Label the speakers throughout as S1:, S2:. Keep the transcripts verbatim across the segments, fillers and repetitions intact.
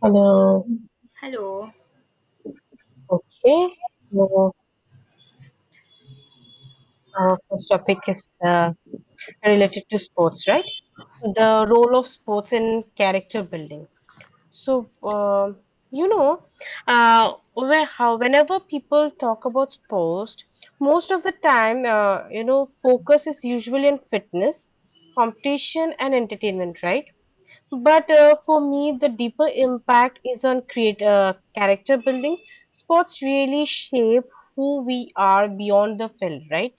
S1: Hello.
S2: Hello.
S1: Okay. So our first topic is uh, related to sports, right? The role of sports in character building. So uh, you know, uh, where how whenever people talk about sports, most of the time, uh, you know, focus is usually on fitness, competition, and entertainment, right? But uh, for me, the deeper impact is on create uh, character building. Sports really shape who we are beyond the field, right?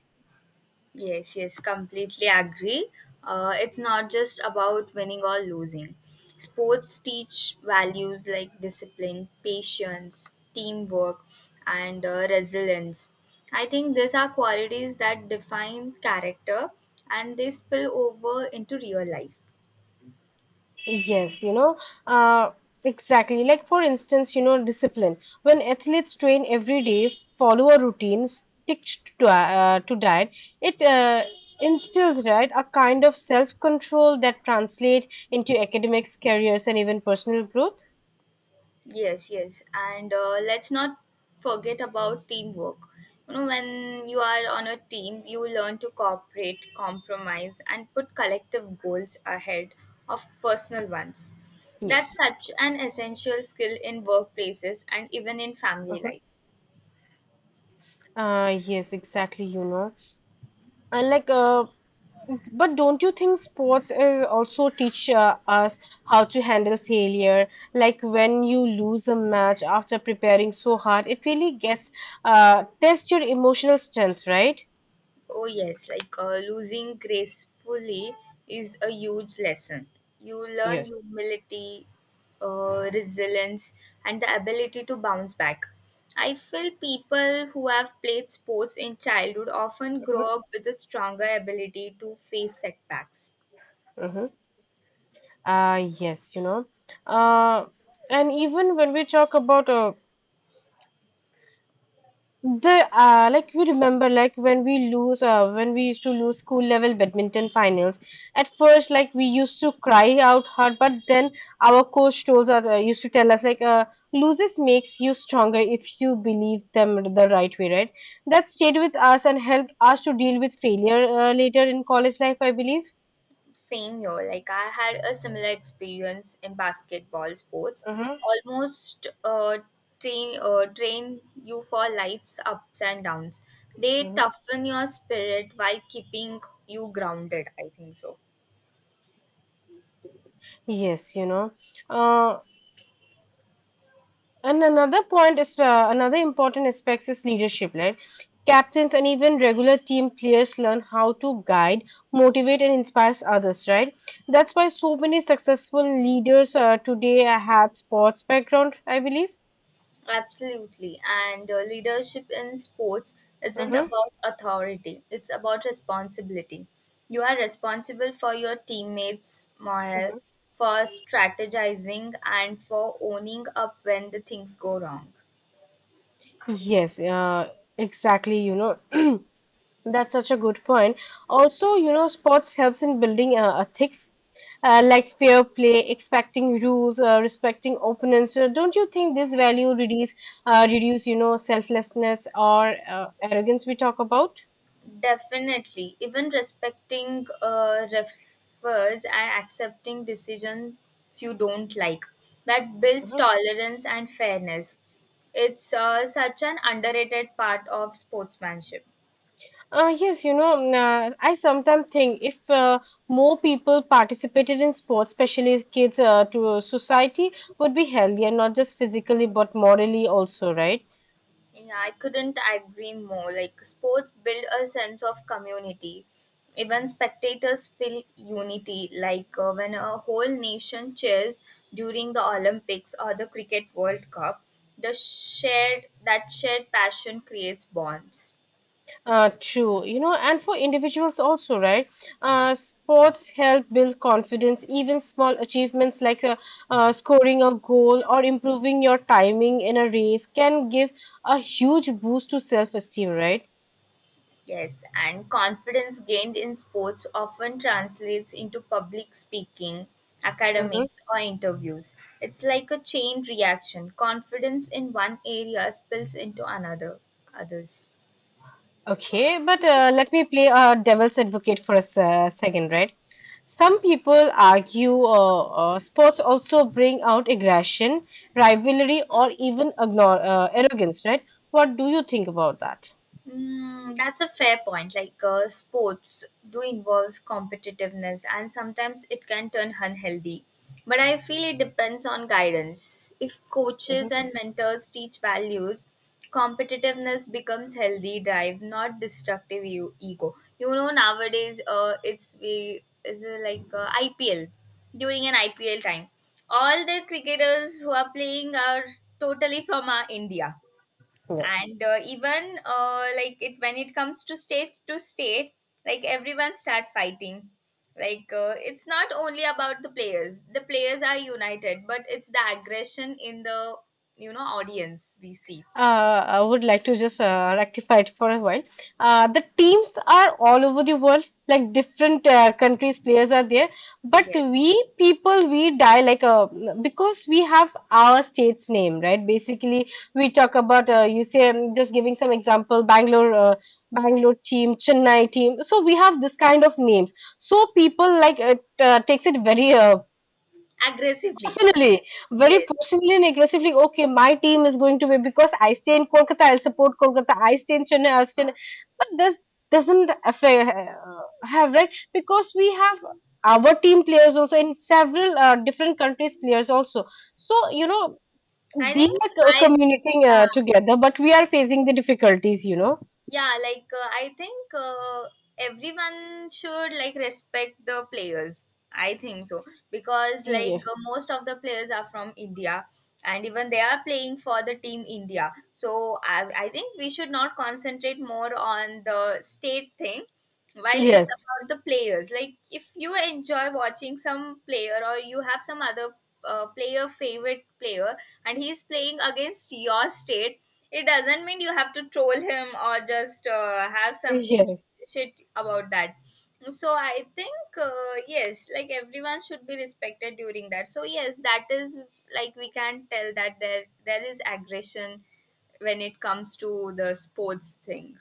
S2: Yes, yes, completely agree. Uh, it's not just about winning or losing. Sports teach values like discipline, patience, teamwork, and uh, resilience. I think these are qualities that define character and they spill over into real life.
S1: Yes, you know, uh, exactly. Like for instance, you know, discipline. When athletes train every day, follow a routine, stick to uh, to diet, it uh, instills right a kind of self control that translate into academics, careers, and even personal growth.
S2: Yes, yes. And uh, let's not forget about teamwork. You know, when you are on a team, you learn to cooperate, compromise, and put collective goals ahead of personal ones.
S1: Yes.
S2: That's such an essential skill in workplaces and even in family
S1: Uh-huh.
S2: life.
S1: Uh, yes, exactly, you know. And like, uh, but don't you think sports is also teach uh, us how to handle failure? Like when you lose a match after preparing so hard, it really gets, uh, test your emotional strength, right?
S2: Oh, yes, like uh, losing gracefully is a huge lesson. You learn
S1: Yes.
S2: humility, uh, resilience, and the ability to bounce back. I feel people who have played sports in childhood often
S1: Mm-hmm.
S2: grow up with a stronger ability to face setbacks.
S1: Mm-hmm. Uh, yes, you know. Uh, and even when we talk about, uh, the, uh, like we remember like when we lose, uh, when we used to lose school level badminton finals, at first like we used to cry out hard, but then our coach told us, uh, used to tell us like, uh, loses makes you stronger if you believe them the right way, right? That stayed with us and helped us to deal with failure uh, later in college life, I believe.
S2: Same here. Like I had a similar experience in basketball sports.
S1: Hmm.
S2: Almost uh, train uh, train you for life's ups and downs. They toughen your spirit while keeping you grounded. I think so.
S1: Yes, you know. Uh, And another point is, uh, another important aspect is leadership, right? Captains and even regular team players learn how to guide, motivate, and inspire others, right? That's why so many successful leaders uh, today had sports background, I believe.
S2: Absolutely. And uh, leadership in sports isn't
S1: Mm-hmm.
S2: about authority, it's about responsibility. You are responsible for your teammates' morale, for strategizing, and for owning up when the things go wrong.
S1: Yes, uh, exactly, you know. That's such a good point. Also, you know, sports helps in building uh, ethics, uh, like fair play, expecting rules, uh, respecting opponents. So don't you think this value reduce, uh, reduce, you know, selflessness or uh, arrogance we talk about?
S2: Definitely. Even respecting uh, refers and accepting decisions you don't like. That builds
S1: Mhm.
S2: tolerance and fairness. It's uh, such an underrated part of sportsmanship.
S1: Uh, yes, you know, mm, uh, I sometimes think if uh, more people participated in sports, especially as kids, uh, to society would be healthier, not just physically but morally also, right?
S2: Yeah, I couldn't agree more. Like, sports build a sense of community. Even spectators feel unity, like uh, when a whole nation cheers during the Olympics or the Cricket World Cup, the shared that shared passion creates bonds.
S1: Uh, true, you know, and for individuals also, right? Uh, sports help build confidence. Even small achievements like, uh, uh, scoring a goal or improving your timing in a race, can give a huge boost to self-esteem, right?
S2: Yes, and confidence gained in sports often translates into public speaking,
S1: Hmm.
S2: academics, or interviews. It's like a chain reaction. Confidence in one area spills into another others.
S1: Okay, but uh, let me play a devil's advocate for a se- second, right? Some people argue, uh, uh, sports also bring out aggression, rivalry, or even ignore, uh, arrogance, right? What do you think about that?
S2: Mm, that's a fair point. Like uh, sports do involve competitiveness, and sometimes it can turn unhealthy. But I feel it depends on guidance. If coaches and mentors teach values, competitiveness becomes healthy drive, not destructive e- ego. You know, nowadays, uh, it's we is uh, like uh, I P L during an I P L time. All the cricketers who are playing are totally from uh, India,
S1: Yeah.
S2: and uh, even uh, like it when it comes to state to state, like everyone start fighting, like uh, it's not only about the players, the players are united, but it's the aggression in the, you know, audience we see.
S1: Uh, I would like to just uh, rectify it for a while. Uh, the teams are all over the world, like different uh, countries' players are there. But
S2: Yes,
S1: we people, we die like a, because we have our state's name, right? Basically, we talk about, uh, you say, I just giving some example, Bangalore. Uh, Bangalore team, Chennai team. So we have this kind of names. So people like it uh, takes it very, uh,
S2: aggressively.
S1: personally, very
S2: yes
S1: personally and aggressively. Okay, my team is going to be, because I stay in Kolkata, I'll support Kolkata. I stay in Chennai, I'll stay in, but this doesn't affect, uh, have, right? Because we have our team players also in several, uh, different countries players also. So you know
S2: i
S1: they
S2: think
S1: are co-
S2: i
S1: communicating uh,
S2: yeah
S1: together, but we are facing the difficulties, you know.
S2: yeah like uh, i think uh, everyone should like respect the players, I think so, because like
S1: Yes.
S2: uh, most of the players are from India, and even they are playing for the team India. So I, I think we should not concentrate more on the state thing while it's
S1: Yes.
S2: about the players. Like if you enjoy watching some player, or you have some other uh, player, favorite player, and he's playing against your state, it doesn't mean you have to troll him or just uh, have something
S1: Yes.
S2: shit about that. So I think, uh, yes, like everyone should be respected during that. So yes, that is, like, we can tell that there there is aggression when it comes to the sports thing.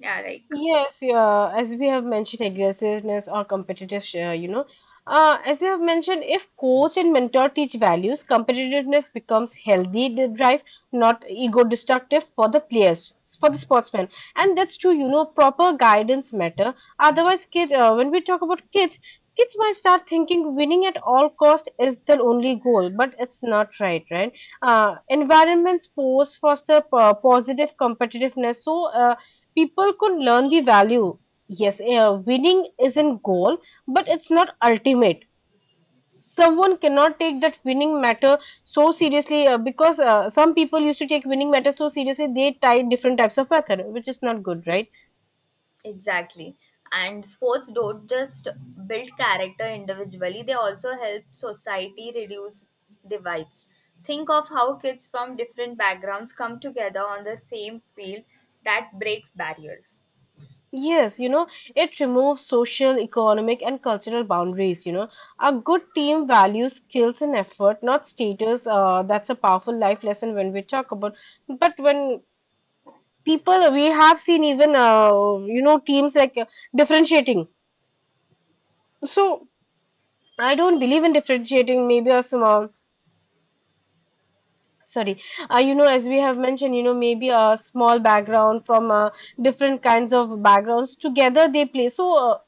S2: Yeah, like,
S1: Yes, yeah, as we have mentioned, aggressiveness or competitive share, you know. Uh, as you have mentioned, if coach and mentor teach values, competitiveness becomes healthy d- drive, not ego destructive for the players, for the sportsmen. And that's true, you know, proper guidance matter. Otherwise, kid, uh, when we talk about kids, kids might start thinking winning at all cost is the only goal, but it's not right, right? Uh, environment sports foster p- positive competitiveness. So, uh, people could learn the value. Yes, uh, winning is in goal, but it's not ultimate. Someone cannot take that winning matter so seriously uh, because uh, some people used to take winning matter so seriously they tie different types of method, which is not good, right?
S2: exactly. And sports don't just build character individually, they also help society reduce divides. Think of how kids from different backgrounds come together on the same field that breaks barriers.
S1: Yes, you know, it removes social, economic, and cultural boundaries. You know, a good team values skills and effort, not status. Uh, that's a powerful life lesson when we talk about. But when people we have seen, even uh, you know, teams like uh, differentiating, so I don't believe in differentiating, maybe a small, sorry, uh, you know, as we have mentioned, you know, maybe a small background from uh, different kinds of backgrounds together they play, so uh,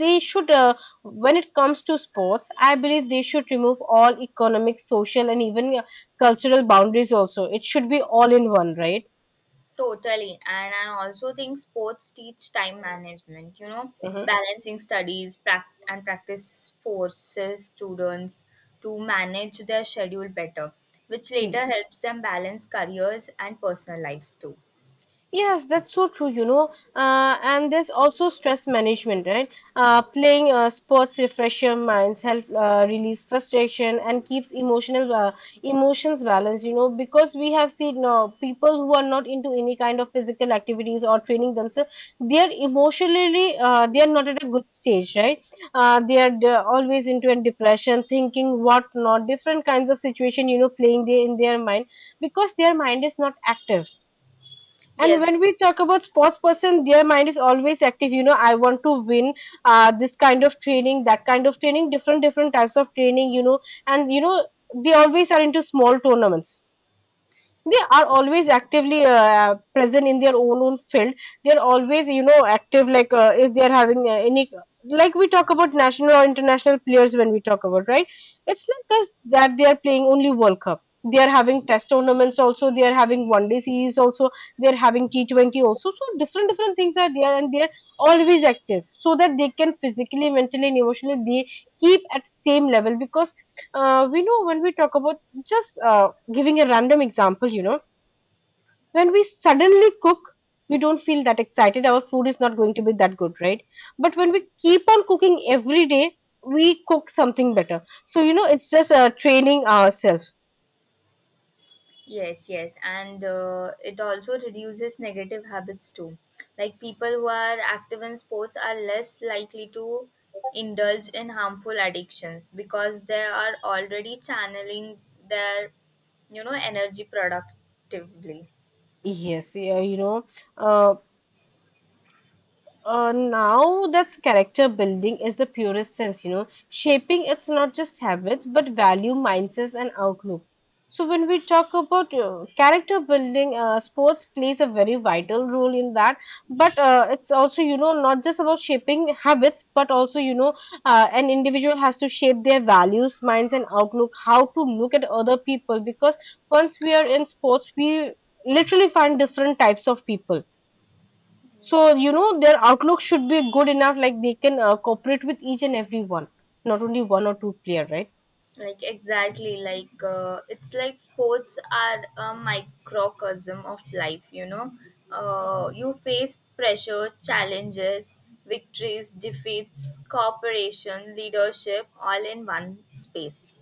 S1: they should, uh, when it comes to sports I believe they should remove all economic social and even uh, cultural boundaries also, it should be all in one, right?
S2: Totally. And I also think sports teach time management, you know, balancing studies prac- and practice forces students to manage their schedule better, which
S1: Hmm.
S2: later helps them balance careers and personal life too.
S1: Yes, that's so true, you know. Uh, and there's also stress management, right? Uh, playing uh, sports refresh minds, help uh, release frustration, and keeps emotional uh, emotions balanced, you know. Because we have seen uh, people who are not into any kind of physical activities or training themselves, they are emotionally uh, they are not at a good stage, right? Uh, they are they are always into a depression, thinking what not, different kinds of situation, you know, playing there in their mind, because their mind is not active. And
S2: Yes,
S1: when we talk about sports person, their mind is always active. You know, I want to win, uh, this kind of training, that kind of training, different different types of training, you know. And you know they always are into small tournaments, they are always actively uh, present in their own own field, they're always, you know, active. Like uh, if they're having uh, any, like we talk about national or international players, when we talk about, right? It's not just that they are playing only world cup, they are having test tournaments also, they are having one day series also, they are having T twenty also, so different different things are there, and they are always active, so that they can physically mentally and emotionally they keep at same level. Because uh, we know when we talk about, just uh, giving a random example, you know, when we suddenly cook, we don't feel that excited. Our food is not going to be that good, right? But when we keep on cooking every day, we cook something better. So, you know, it's just uh, training ourselves.
S2: yes, yes. And uh, it also reduces negative habits too. Like people who are active in sports are less likely to indulge in harmful addictions because they are already channeling their, you know, energy productively.
S1: Yes, yeah, you know. uh, Uh, now that's character building is the purest sense, you know, shaping, it's not just habits but value, mindsets, and outlook. So when we talk about uh, character building, uh, sports plays a very vital role in that. But uh, it's also, you know, not just about shaping habits, but also, you know, uh, an individual has to shape their values, minds, and outlook, how to look at other people. Because once we are in sports, we literally find different types of people,
S2: Yeah.
S1: so you know their outlook should be good enough, like they can uh, cooperate with each and every one, not only one or two player, right?
S2: Like exactly, like uh, it's like sports are a microcosm of life. You know, uh, you face pressure, challenges, victories, defeats, cooperation, leadership, all in one space.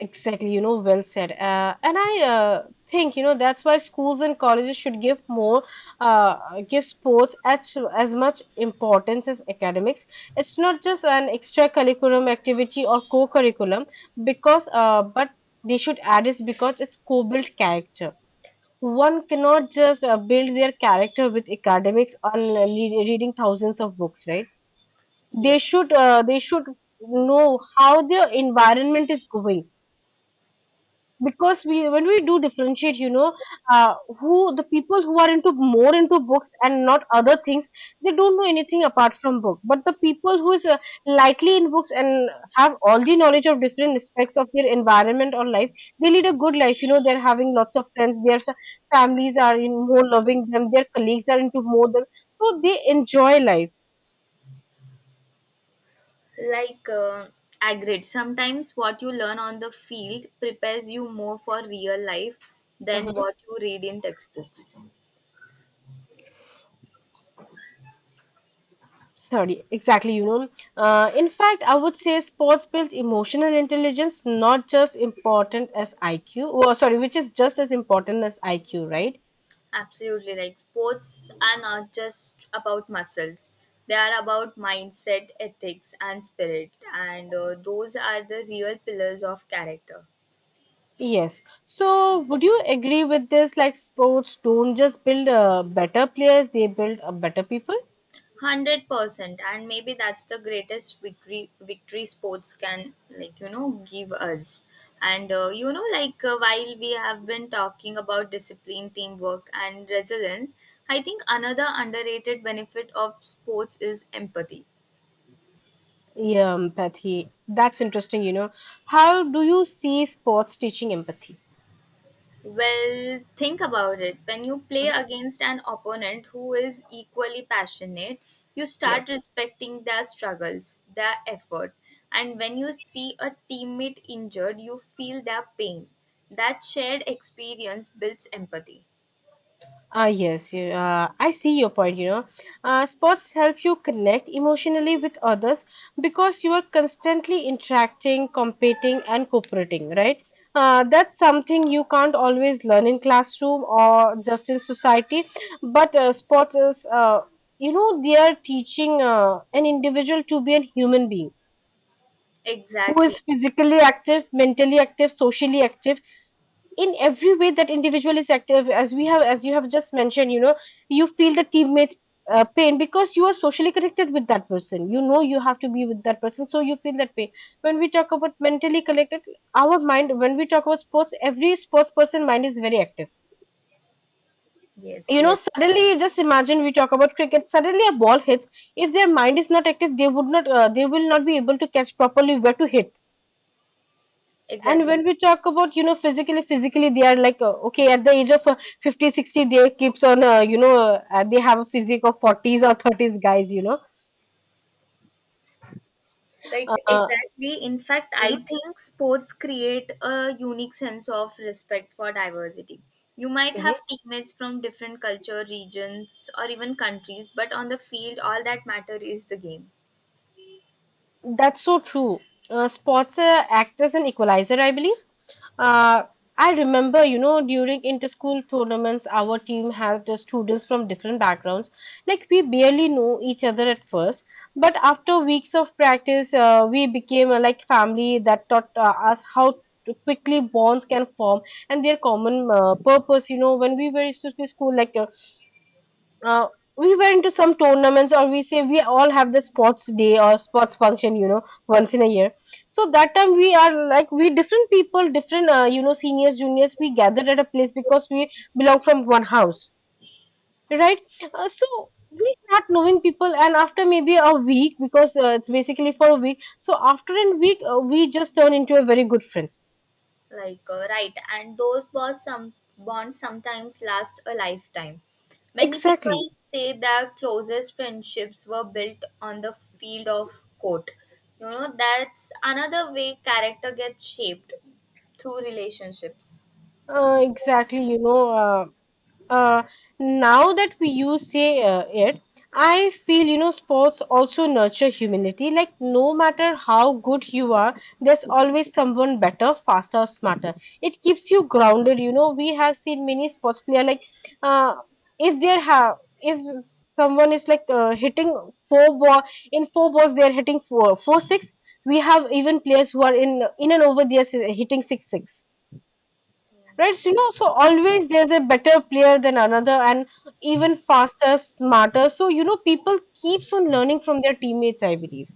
S1: Exactly, you know, well said. Uh, and i uh, think, you know, that's why schools and colleges should give more, uh, give sports as as much importance as academics. It's not just an extra curriculum activity or co-curriculum, because uh, but they should add it because it's co-built character. One cannot just uh, build their character with academics on, uh, le- reading thousands of books, right? They
S2: Yes,
S1: should, uh, they should know how their environment is going, because we when we do differentiate, you know, uh, who, the people who are into more into books and not other things, they don't know anything apart from book, but the people who is uh, lightly in books and have all the knowledge of different aspects of their environment or life, they lead a good life, you know, they're having lots of friends, their fa- families are in more loving them, their colleagues are into more them, so they enjoy life.
S2: like uh, agreed. Sometimes what you learn on the field prepares you more for real life than what you read in textbooks.
S1: Sorry, exactly, you know. Uh, in fact, I would say sports builds emotional intelligence, not just important as I Q. Or sorry, which is just as important as I Q, right?
S2: Absolutely. Like sports are not just about muscles, they are about mindset, ethics, and spirit. And uh, those are the real pillars of character.
S1: Yes. So, would you agree with this? Like, sports don't just build uh, better players; they build uh, better people.
S2: one hundred percent. And maybe that's the greatest victory, victory sports can, like, you know, give us. And, uh, you know, like uh, while we have been talking about discipline, teamwork, and resilience, I think another underrated benefit of sports is empathy.
S1: Yeah, empathy. That's interesting. You know, how do you see sports teaching empathy?
S2: Well, think about it. When you play
S1: Mhm.
S2: against an opponent who is equally passionate, you
S1: Yes.
S2: start respecting their struggles, their effort. And when you see a teammate injured, you feel their pain. That shared experience builds empathy.
S1: Ah, yes, you- uh, I see your point, you know. Uh, sports help you connect emotionally with others because you are constantly interacting, competing, and cooperating, right? Uh, that's something you can't always learn in classroom or just in society, but uh, sports is, uh, you know, they are teaching uh, an individual to be a human being who is
S2: Exactly.
S1: physically active, mentally active, socially active, in every way that individual is active, as we have as you have just mentioned. You know you feel the teammates uh, pain because you are socially connected with that person. You know you have to be with that person, so you feel that pain. When we talk about mentally connected, our mind, when we talk about sports, every sports person mind is very active.
S2: Yes,
S1: You know
S2: yes.
S1: suddenly, just imagine we talk about cricket. Suddenly a ball hits. If their mind is not active, they would not, uh, they will not be able to catch properly where to hit. And when
S2: Exactly.
S1: we talk about you know physically, physically they are like, uh, okay, at the age of uh, fifty sixty, they keeps on, uh, you know uh, they have a physique of forties or thirties guys, you know
S2: Like
S1: uh,
S2: exactly. In fact,
S1: mhm,
S2: I think sports create a unique sense of respect for diversity. You might
S1: mhm.
S2: have teammates from different culture, regions, or even countries, but on the field, all that matter is the game.
S1: That's so true. Uh, sports uh, act as an equalizer, I believe. Uh, I remember, you know, during inter-school tournaments, our team had the students from different backgrounds. Like, we barely know each other at first, but after weeks of practice, uh, we became, uh, like family. That taught uh, us how to quickly bonds can form, and their common uh, purpose. You know, when we were used to school, like, uh, uh, we went to some tournaments, or we say we all have the sports day or sports function, you know once in a year. So that time we are like, we different people, different, uh, you know seniors, juniors, we gathered at a place because we belong from one house, right? Uh, so we start knowing people, and after maybe a week, because uh, it's basically for a week. So after a week, uh, we just turn into a very good friends.
S2: Like uh, right, and those bonds, some bonds sometimes last a lifetime. Many
S1: Exactly.
S2: people say their closest friendships were built on the field of court. You know, that's another way character gets shaped through relationships.
S1: Uh, exactly, you know uh, uh, now that we use say, uh, it I feel, you know sports also nurture humanity. Like, no matter how good you are, there's always someone better, faster, smarter. It keeps you grounded. You know we have seen many sports player like, uh, if there have if someone is like, uh, hitting four ball, in four balls they're hitting four four six. We have even players who are in in and over, they're hitting six six. Right, so, you know, so always there's a better player than another, and even faster, smarter. So, you know, people keeps on learning from their teammates, I believe.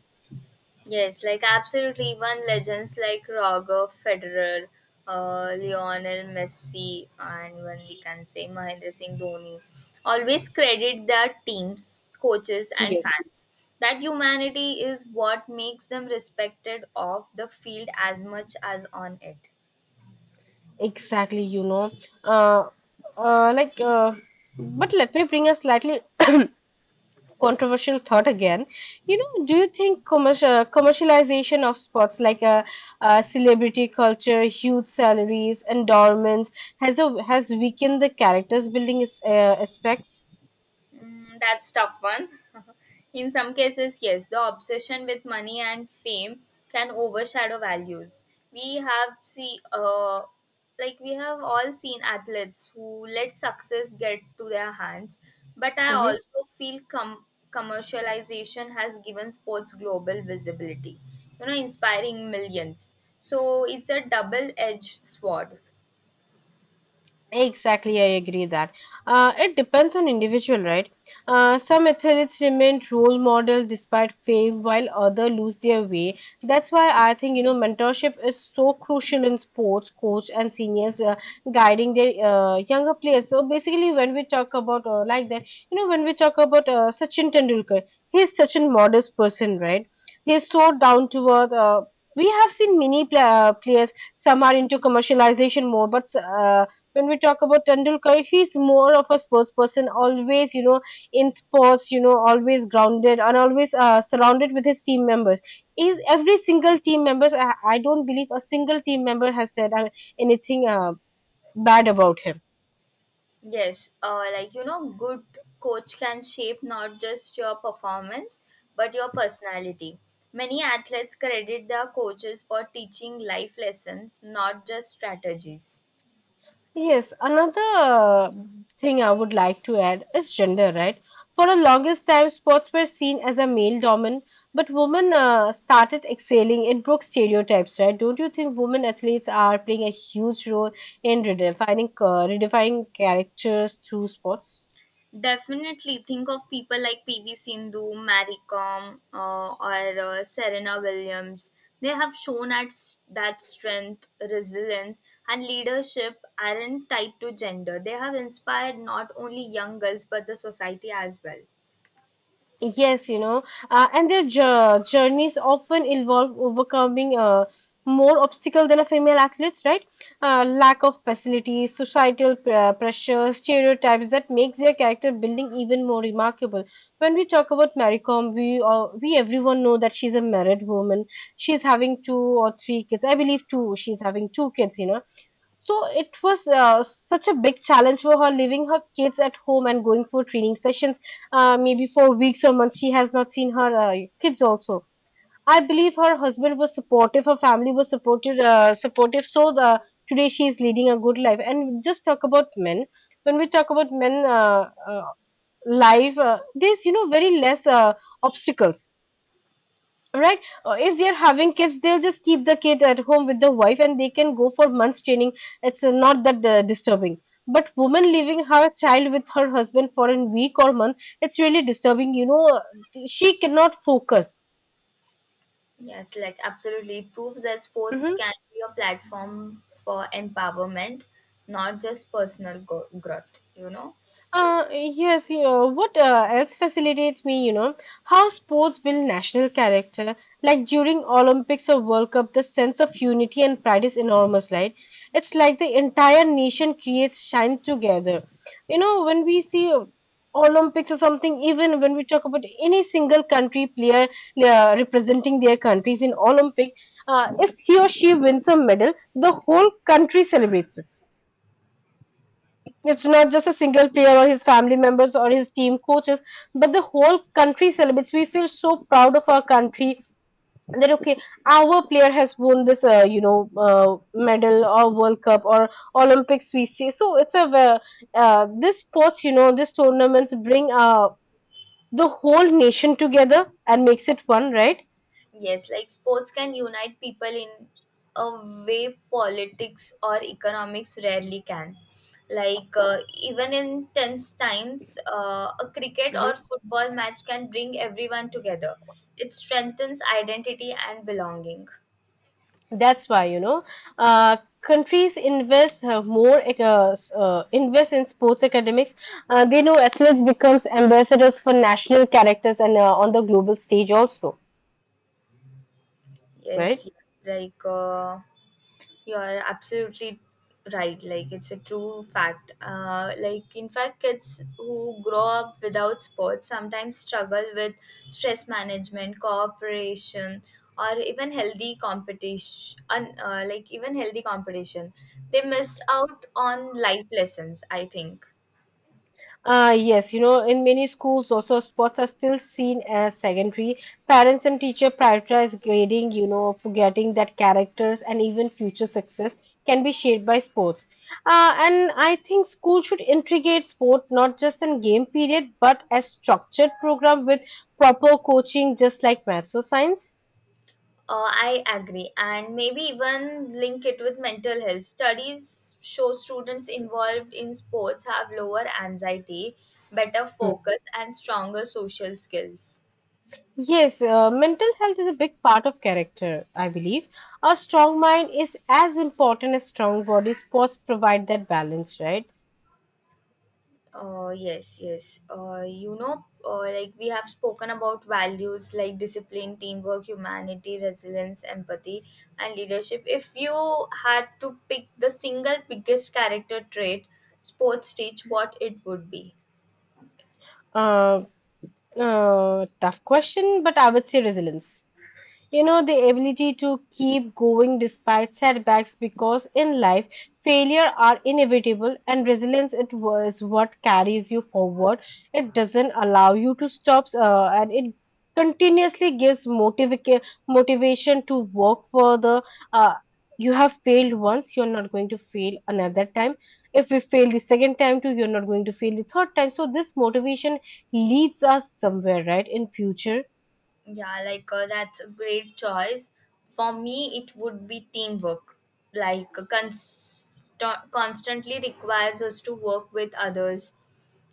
S2: Yes, like absolutely. One legends like Roger Federer, uh, Lionel Messi, and when we can say Mahendra Singh Dhoni always credit their teams, coaches, and
S1: Yes,
S2: fans. That humanity is what makes them respected off the field as much as on it.
S1: exactly, you know. Uh, uh, like, uh, but let me bring a slightly controversial thought again. You know, do you think commercial commercialization of sports, like a uh, celebrity culture, huge salaries, endorsements, has a, has weakened the characters building is- uh, aspects?
S2: Mm, that's tough one. In some cases, yes, the obsession with money and fame can overshadow values. We have see, uh, like we have all seen athletes who let success get to their hands. But I
S1: Mm-hmm.
S2: also feel com- commercialization has given sports global visibility, you know, inspiring millions. So it's a double-edged sword.
S1: Exactly, I agree that. Uh, it depends on individual, right? Uh, some athletes remain role model despite fame, while others lose their way. That's why I think, you know mentorship is so crucial in sports, coach and seniors uh, guiding their uh, younger players. So basically, when we talk about uh, like that, you know, when we talk about uh, Sachin Tendulkar, he's such a modest person, right? He's so down to earth. Uh, we have seen many pla- uh, players. Some are into commercialization more, but uh, when we talk about Tendulkar, he's more of a sports person, always, you know, in sports, you know, always grounded, and always uh, surrounded with his team members. Is every single team members? I, I don't believe a single team member has said uh, anything uh, bad about him.
S2: Yes, uh, like you know, good coach can shape not just your performance but your personality. Many athletes credit their coaches for teaching life lessons, not just strategies.
S1: Yes, another uh, thing I would like to add is gender, right? For the longest time, sports were seen as a male dominant, but women uh, started excelling in broke stereotypes, right? Don't you think women athletes are playing a huge role in redefining uh, redefining characters through sports?
S2: Definitely think of people like P V Sindhu, Mary Kom, uh, or uh, Serena Williams. They have shown at s- that strength, resilience, and leadership aren't tied to gender. They have inspired not only young girls but the society as well.
S1: Yes, you know, uh, and their jour- journeys often involve overcoming uh, more obstacle than a female athletes, right? Uh, lack of facilities, societal uh, pressures, stereotypes, that makes their character building even more remarkable. When we talk about Mary Kom, we uh, we everyone know that she's a married woman. She's having two or three kids. I believe two. She's having two kids, you know, so it was uh, such a big challenge for her leaving her kids at home and going for training sessions. Uh, maybe for weeks or months, she has not seen her uh, kids also. I believe her husband was supportive, her family was supportive, uh, supportive. So the, today she is leading a good life. And just talk about men. When we talk about men, uh, uh, life, uh, there's, you know very less uh, obstacles, right? Uh, if they're having kids, they'll just keep the kid at home with the wife and they can go for months training. It's uh, not that uh, disturbing. But woman leaving her child with her husband for a week or month, it's really disturbing, you know uh, she cannot focus.
S2: Yes, like absolutely. It proves that sports
S1: Mhm.
S2: can be a platform for empowerment, not just personal go- growth, you know?
S1: Uh, yes, you know, what uh, else facilitates me, you know, how sports build national character. Like during Olympics or World Cup, the sense of unity and pride is enormous, right? It's like the entire nation creates, shines together. You know, when we see uh, Olympics or something, even when we talk about any single country player uh, representing their countries in Olympic, uh, if he or she wins a medal, the whole country celebrates it. It's not just a single player or his family members or his team coaches, but the whole country celebrates. We feel so proud of our country that, okay, our player has won this, uh, you know, uh, medal or World Cup or Olympics. We see, so it's a ve- uh, this sports, you know, these tournaments bring uh, the whole nation together and makes it one, right?
S2: Yes, like sports can unite people in a way politics or economics rarely can. Like, uh, even in tense times, uh, a cricket or football match can bring everyone together. It strengthens identity and belonging.
S1: That's why, you know, uh, countries invest uh, more ec- uh, s- uh, invest in sports academics. Uh, they know athletes becomes ambassadors for national characters, and uh, on the global stage also, right?
S2: Yes, yes. like, uh, You are absolutely right. Like it's a true fact. Uh, like in fact, kids who grow up without sports sometimes struggle with stress management, cooperation, or even healthy competition. Un- Uh, like even healthy competition, they miss out on life lessons. I think.
S1: Ah, yes, you know, in many schools, also sports are still seen as secondary. Parents and teacher prioritize grading, you know, forgetting that characters and even future success can be shaped by sports. Uh, and I think school should integrate sport not just in game period, but as structured program with proper coaching, just like maths or science.
S2: Uh, I agree, and maybe even link it with mental health. Studies show students involved in sports have lower anxiety, better
S1: Hmm.
S2: focus, and stronger social skills.
S1: Yes, uh, mental health is a big part of character, I believe. A strong mind is as important as strong body. Sports provide that balance, right?
S2: Uh, yes, yes. Uh, you know, uh, like we have spoken about values like discipline, teamwork, humanity, resilience, empathy, and leadership. If you had to pick the single biggest character trait sports teach, what it would be?
S1: Uh, uh, tough question, but I would say resilience. You know, the ability to keep going despite setbacks, because in life, failure are inevitable, and resilience it was what carries you forward. It doesn't allow you to stop, uh, and it continuously gives motiva- motivation to work further. Uh, you have failed once, you're not going to fail another time. If we fail the second time too, you're not going to fail the third time. So this motivation leads us somewhere, right, in future.
S2: Yeah, like uh, that's a great choice. For me, it would be teamwork. Like uh, const- constantly requires us to work with others,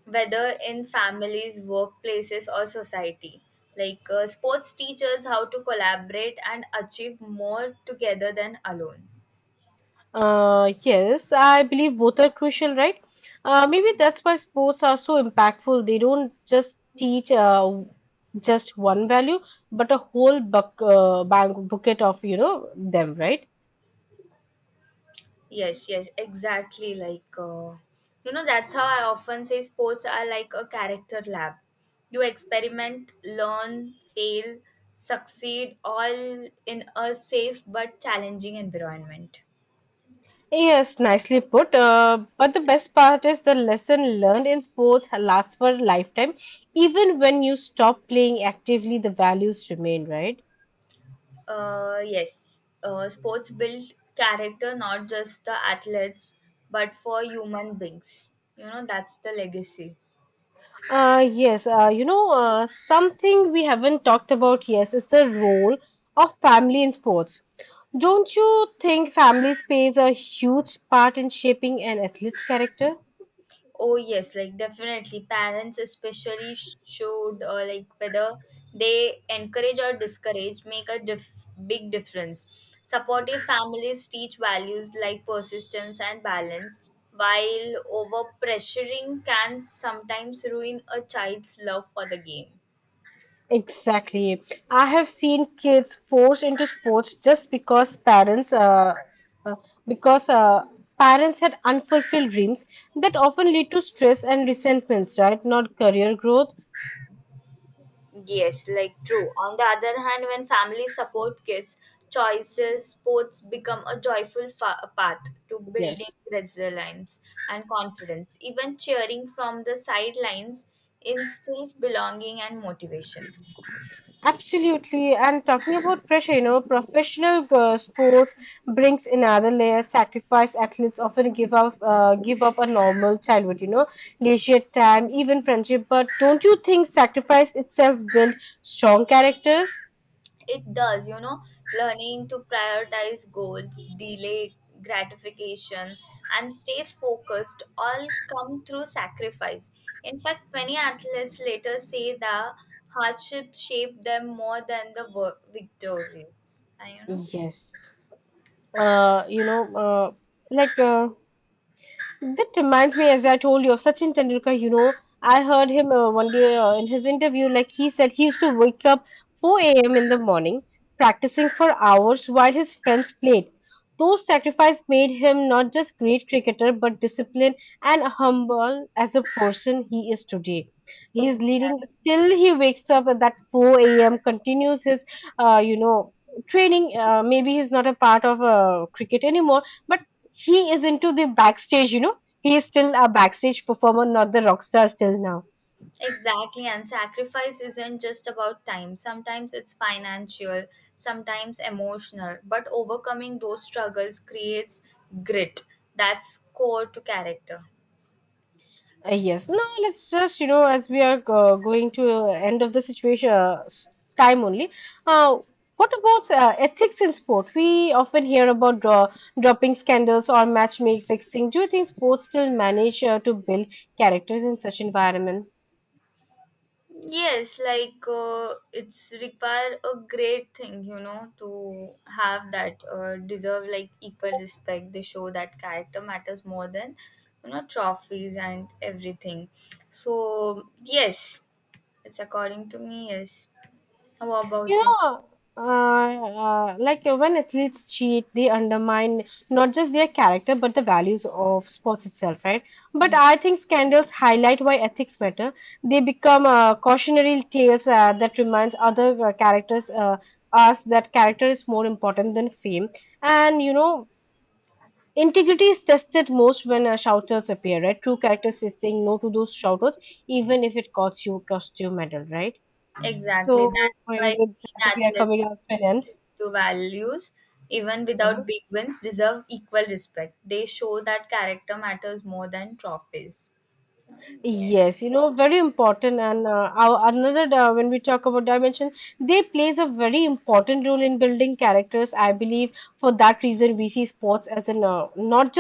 S2: whether in families, workplaces, or society. Like uh, sports teaches how to collaborate and achieve more together than alone.
S1: Uh, yes, I believe both are crucial, right? Uh, maybe that's why sports are so impactful. They don't just teach uh, just one value, but a whole buck, uh, bang, bucket of, you know, them, right?
S2: Yes, yes, exactly. Like, uh, you know, that's how I often say sports are like a character lab. You experiment, learn, fail, succeed, all in a safe but challenging environment.
S1: Yes, nicely put. Uh, but the best part is, the lesson learned in sports lasts for a lifetime. Even when you stop playing actively, the values remain, right?
S2: Uh, yes, uh, sports build character not just the athletes but for human beings. You know, that's the legacy.
S1: Uh, yes, uh, you know, uh, something we haven't talked about, yes, is the role of family in sports. Don't you think families plays a huge part in shaping an athlete's character?
S2: Oh yes, like definitely. Parents especially sh- showed uh, like whether they encourage or discourage make a dif- big difference. Supportive families teach values like persistence and balance, while over pressuring can sometimes ruin a child's love for the game.
S1: Exactly. I have seen kids forced into sports just because parents, uh, uh, because uh, parents had unfulfilled dreams. That often lead to stress and resentments, right? Not career growth.
S2: Yes, like true. On the other hand, when families support kids' choices, sports become a joyful fa- path to building
S1: Yes.
S2: resilience and confidence. Even cheering from the sidelines instills belonging and motivation.
S1: Absolutely. And talking about pressure, you know, professional uh, sports brings another layer. Sacrifice athletes often give up, uh, give up a normal childhood, you know, leisure time, even friendship. But don't you think sacrifice itself builds strong characters?
S2: It does, you know, learning to prioritize goals, delay gratification, and stay focused all come through sacrifice. In fact, many athletes later say the hardships shape them more than the wo- victories. Uh, You know,
S1: Yes. Uh, you know, uh, like uh, that reminds me, as I told you, of Sachin Tendulkar. You know, I heard him uh, one day uh, in his interview, like he said he used to wake up four a m in the morning, practicing for hours while his friends played. Those sacrifices made him not just great cricketer, but disciplined and humble as a person he is today. He is leading,
S2: exactly.
S1: still he wakes up at that four a m, continues his, uh, you know, training. Uh, maybe he's not a part of uh, cricket anymore, but he is into the backstage. You know he is still a backstage performer, not the rock star still now.
S2: Exactly, and sacrifice isn't just about time. Sometimes it's financial, sometimes emotional, but overcoming those struggles creates grit. That's core to character.
S1: Uh, yes. Now let's just, you know as we are uh, going to uh, end of the situation, uh, s- time only. Uh, what about uh, ethics in sport? We often hear about draw, dropping scandals or matchmaking fixing. Do you think sports still manage uh, to build characters in such environment?
S2: Yes, like uh, it's require a great thing, you know, to have that uh, deserve like equal respect. They show that character matters more than you know trophies and everything. So yes, it's according to me. Yes. How about you?
S1: Yeah, uh, uh, like uh, when athletes cheat, they undermine not just their character but the values of sports itself, right? But
S2: Yeah,
S1: I think scandals highlight why ethics matter. They become uh, cautionary tales uh, that reminds other uh, characters, uh, us, that character is more important than fame. And you know, integrity is tested most when uh, shoutouts appear, right? True characters is saying no to those shoutouts, even if it costs you costs you medal, right?
S2: exactly.
S1: So
S2: That's
S1: uh,
S2: why
S1: with
S2: green
S1: that, we are
S2: athletes
S1: coming up to an end.
S2: stick to values, even
S1: uh
S2: without big wins, deserve equal respect. They show that character matters more than trophies. Um, Yes.
S1: Yes, you know, very important. And uh, our, another, uh, when we talk about dimension, they plays a very important role in building characters. I believe, for that reason, we see sports as an uh, not just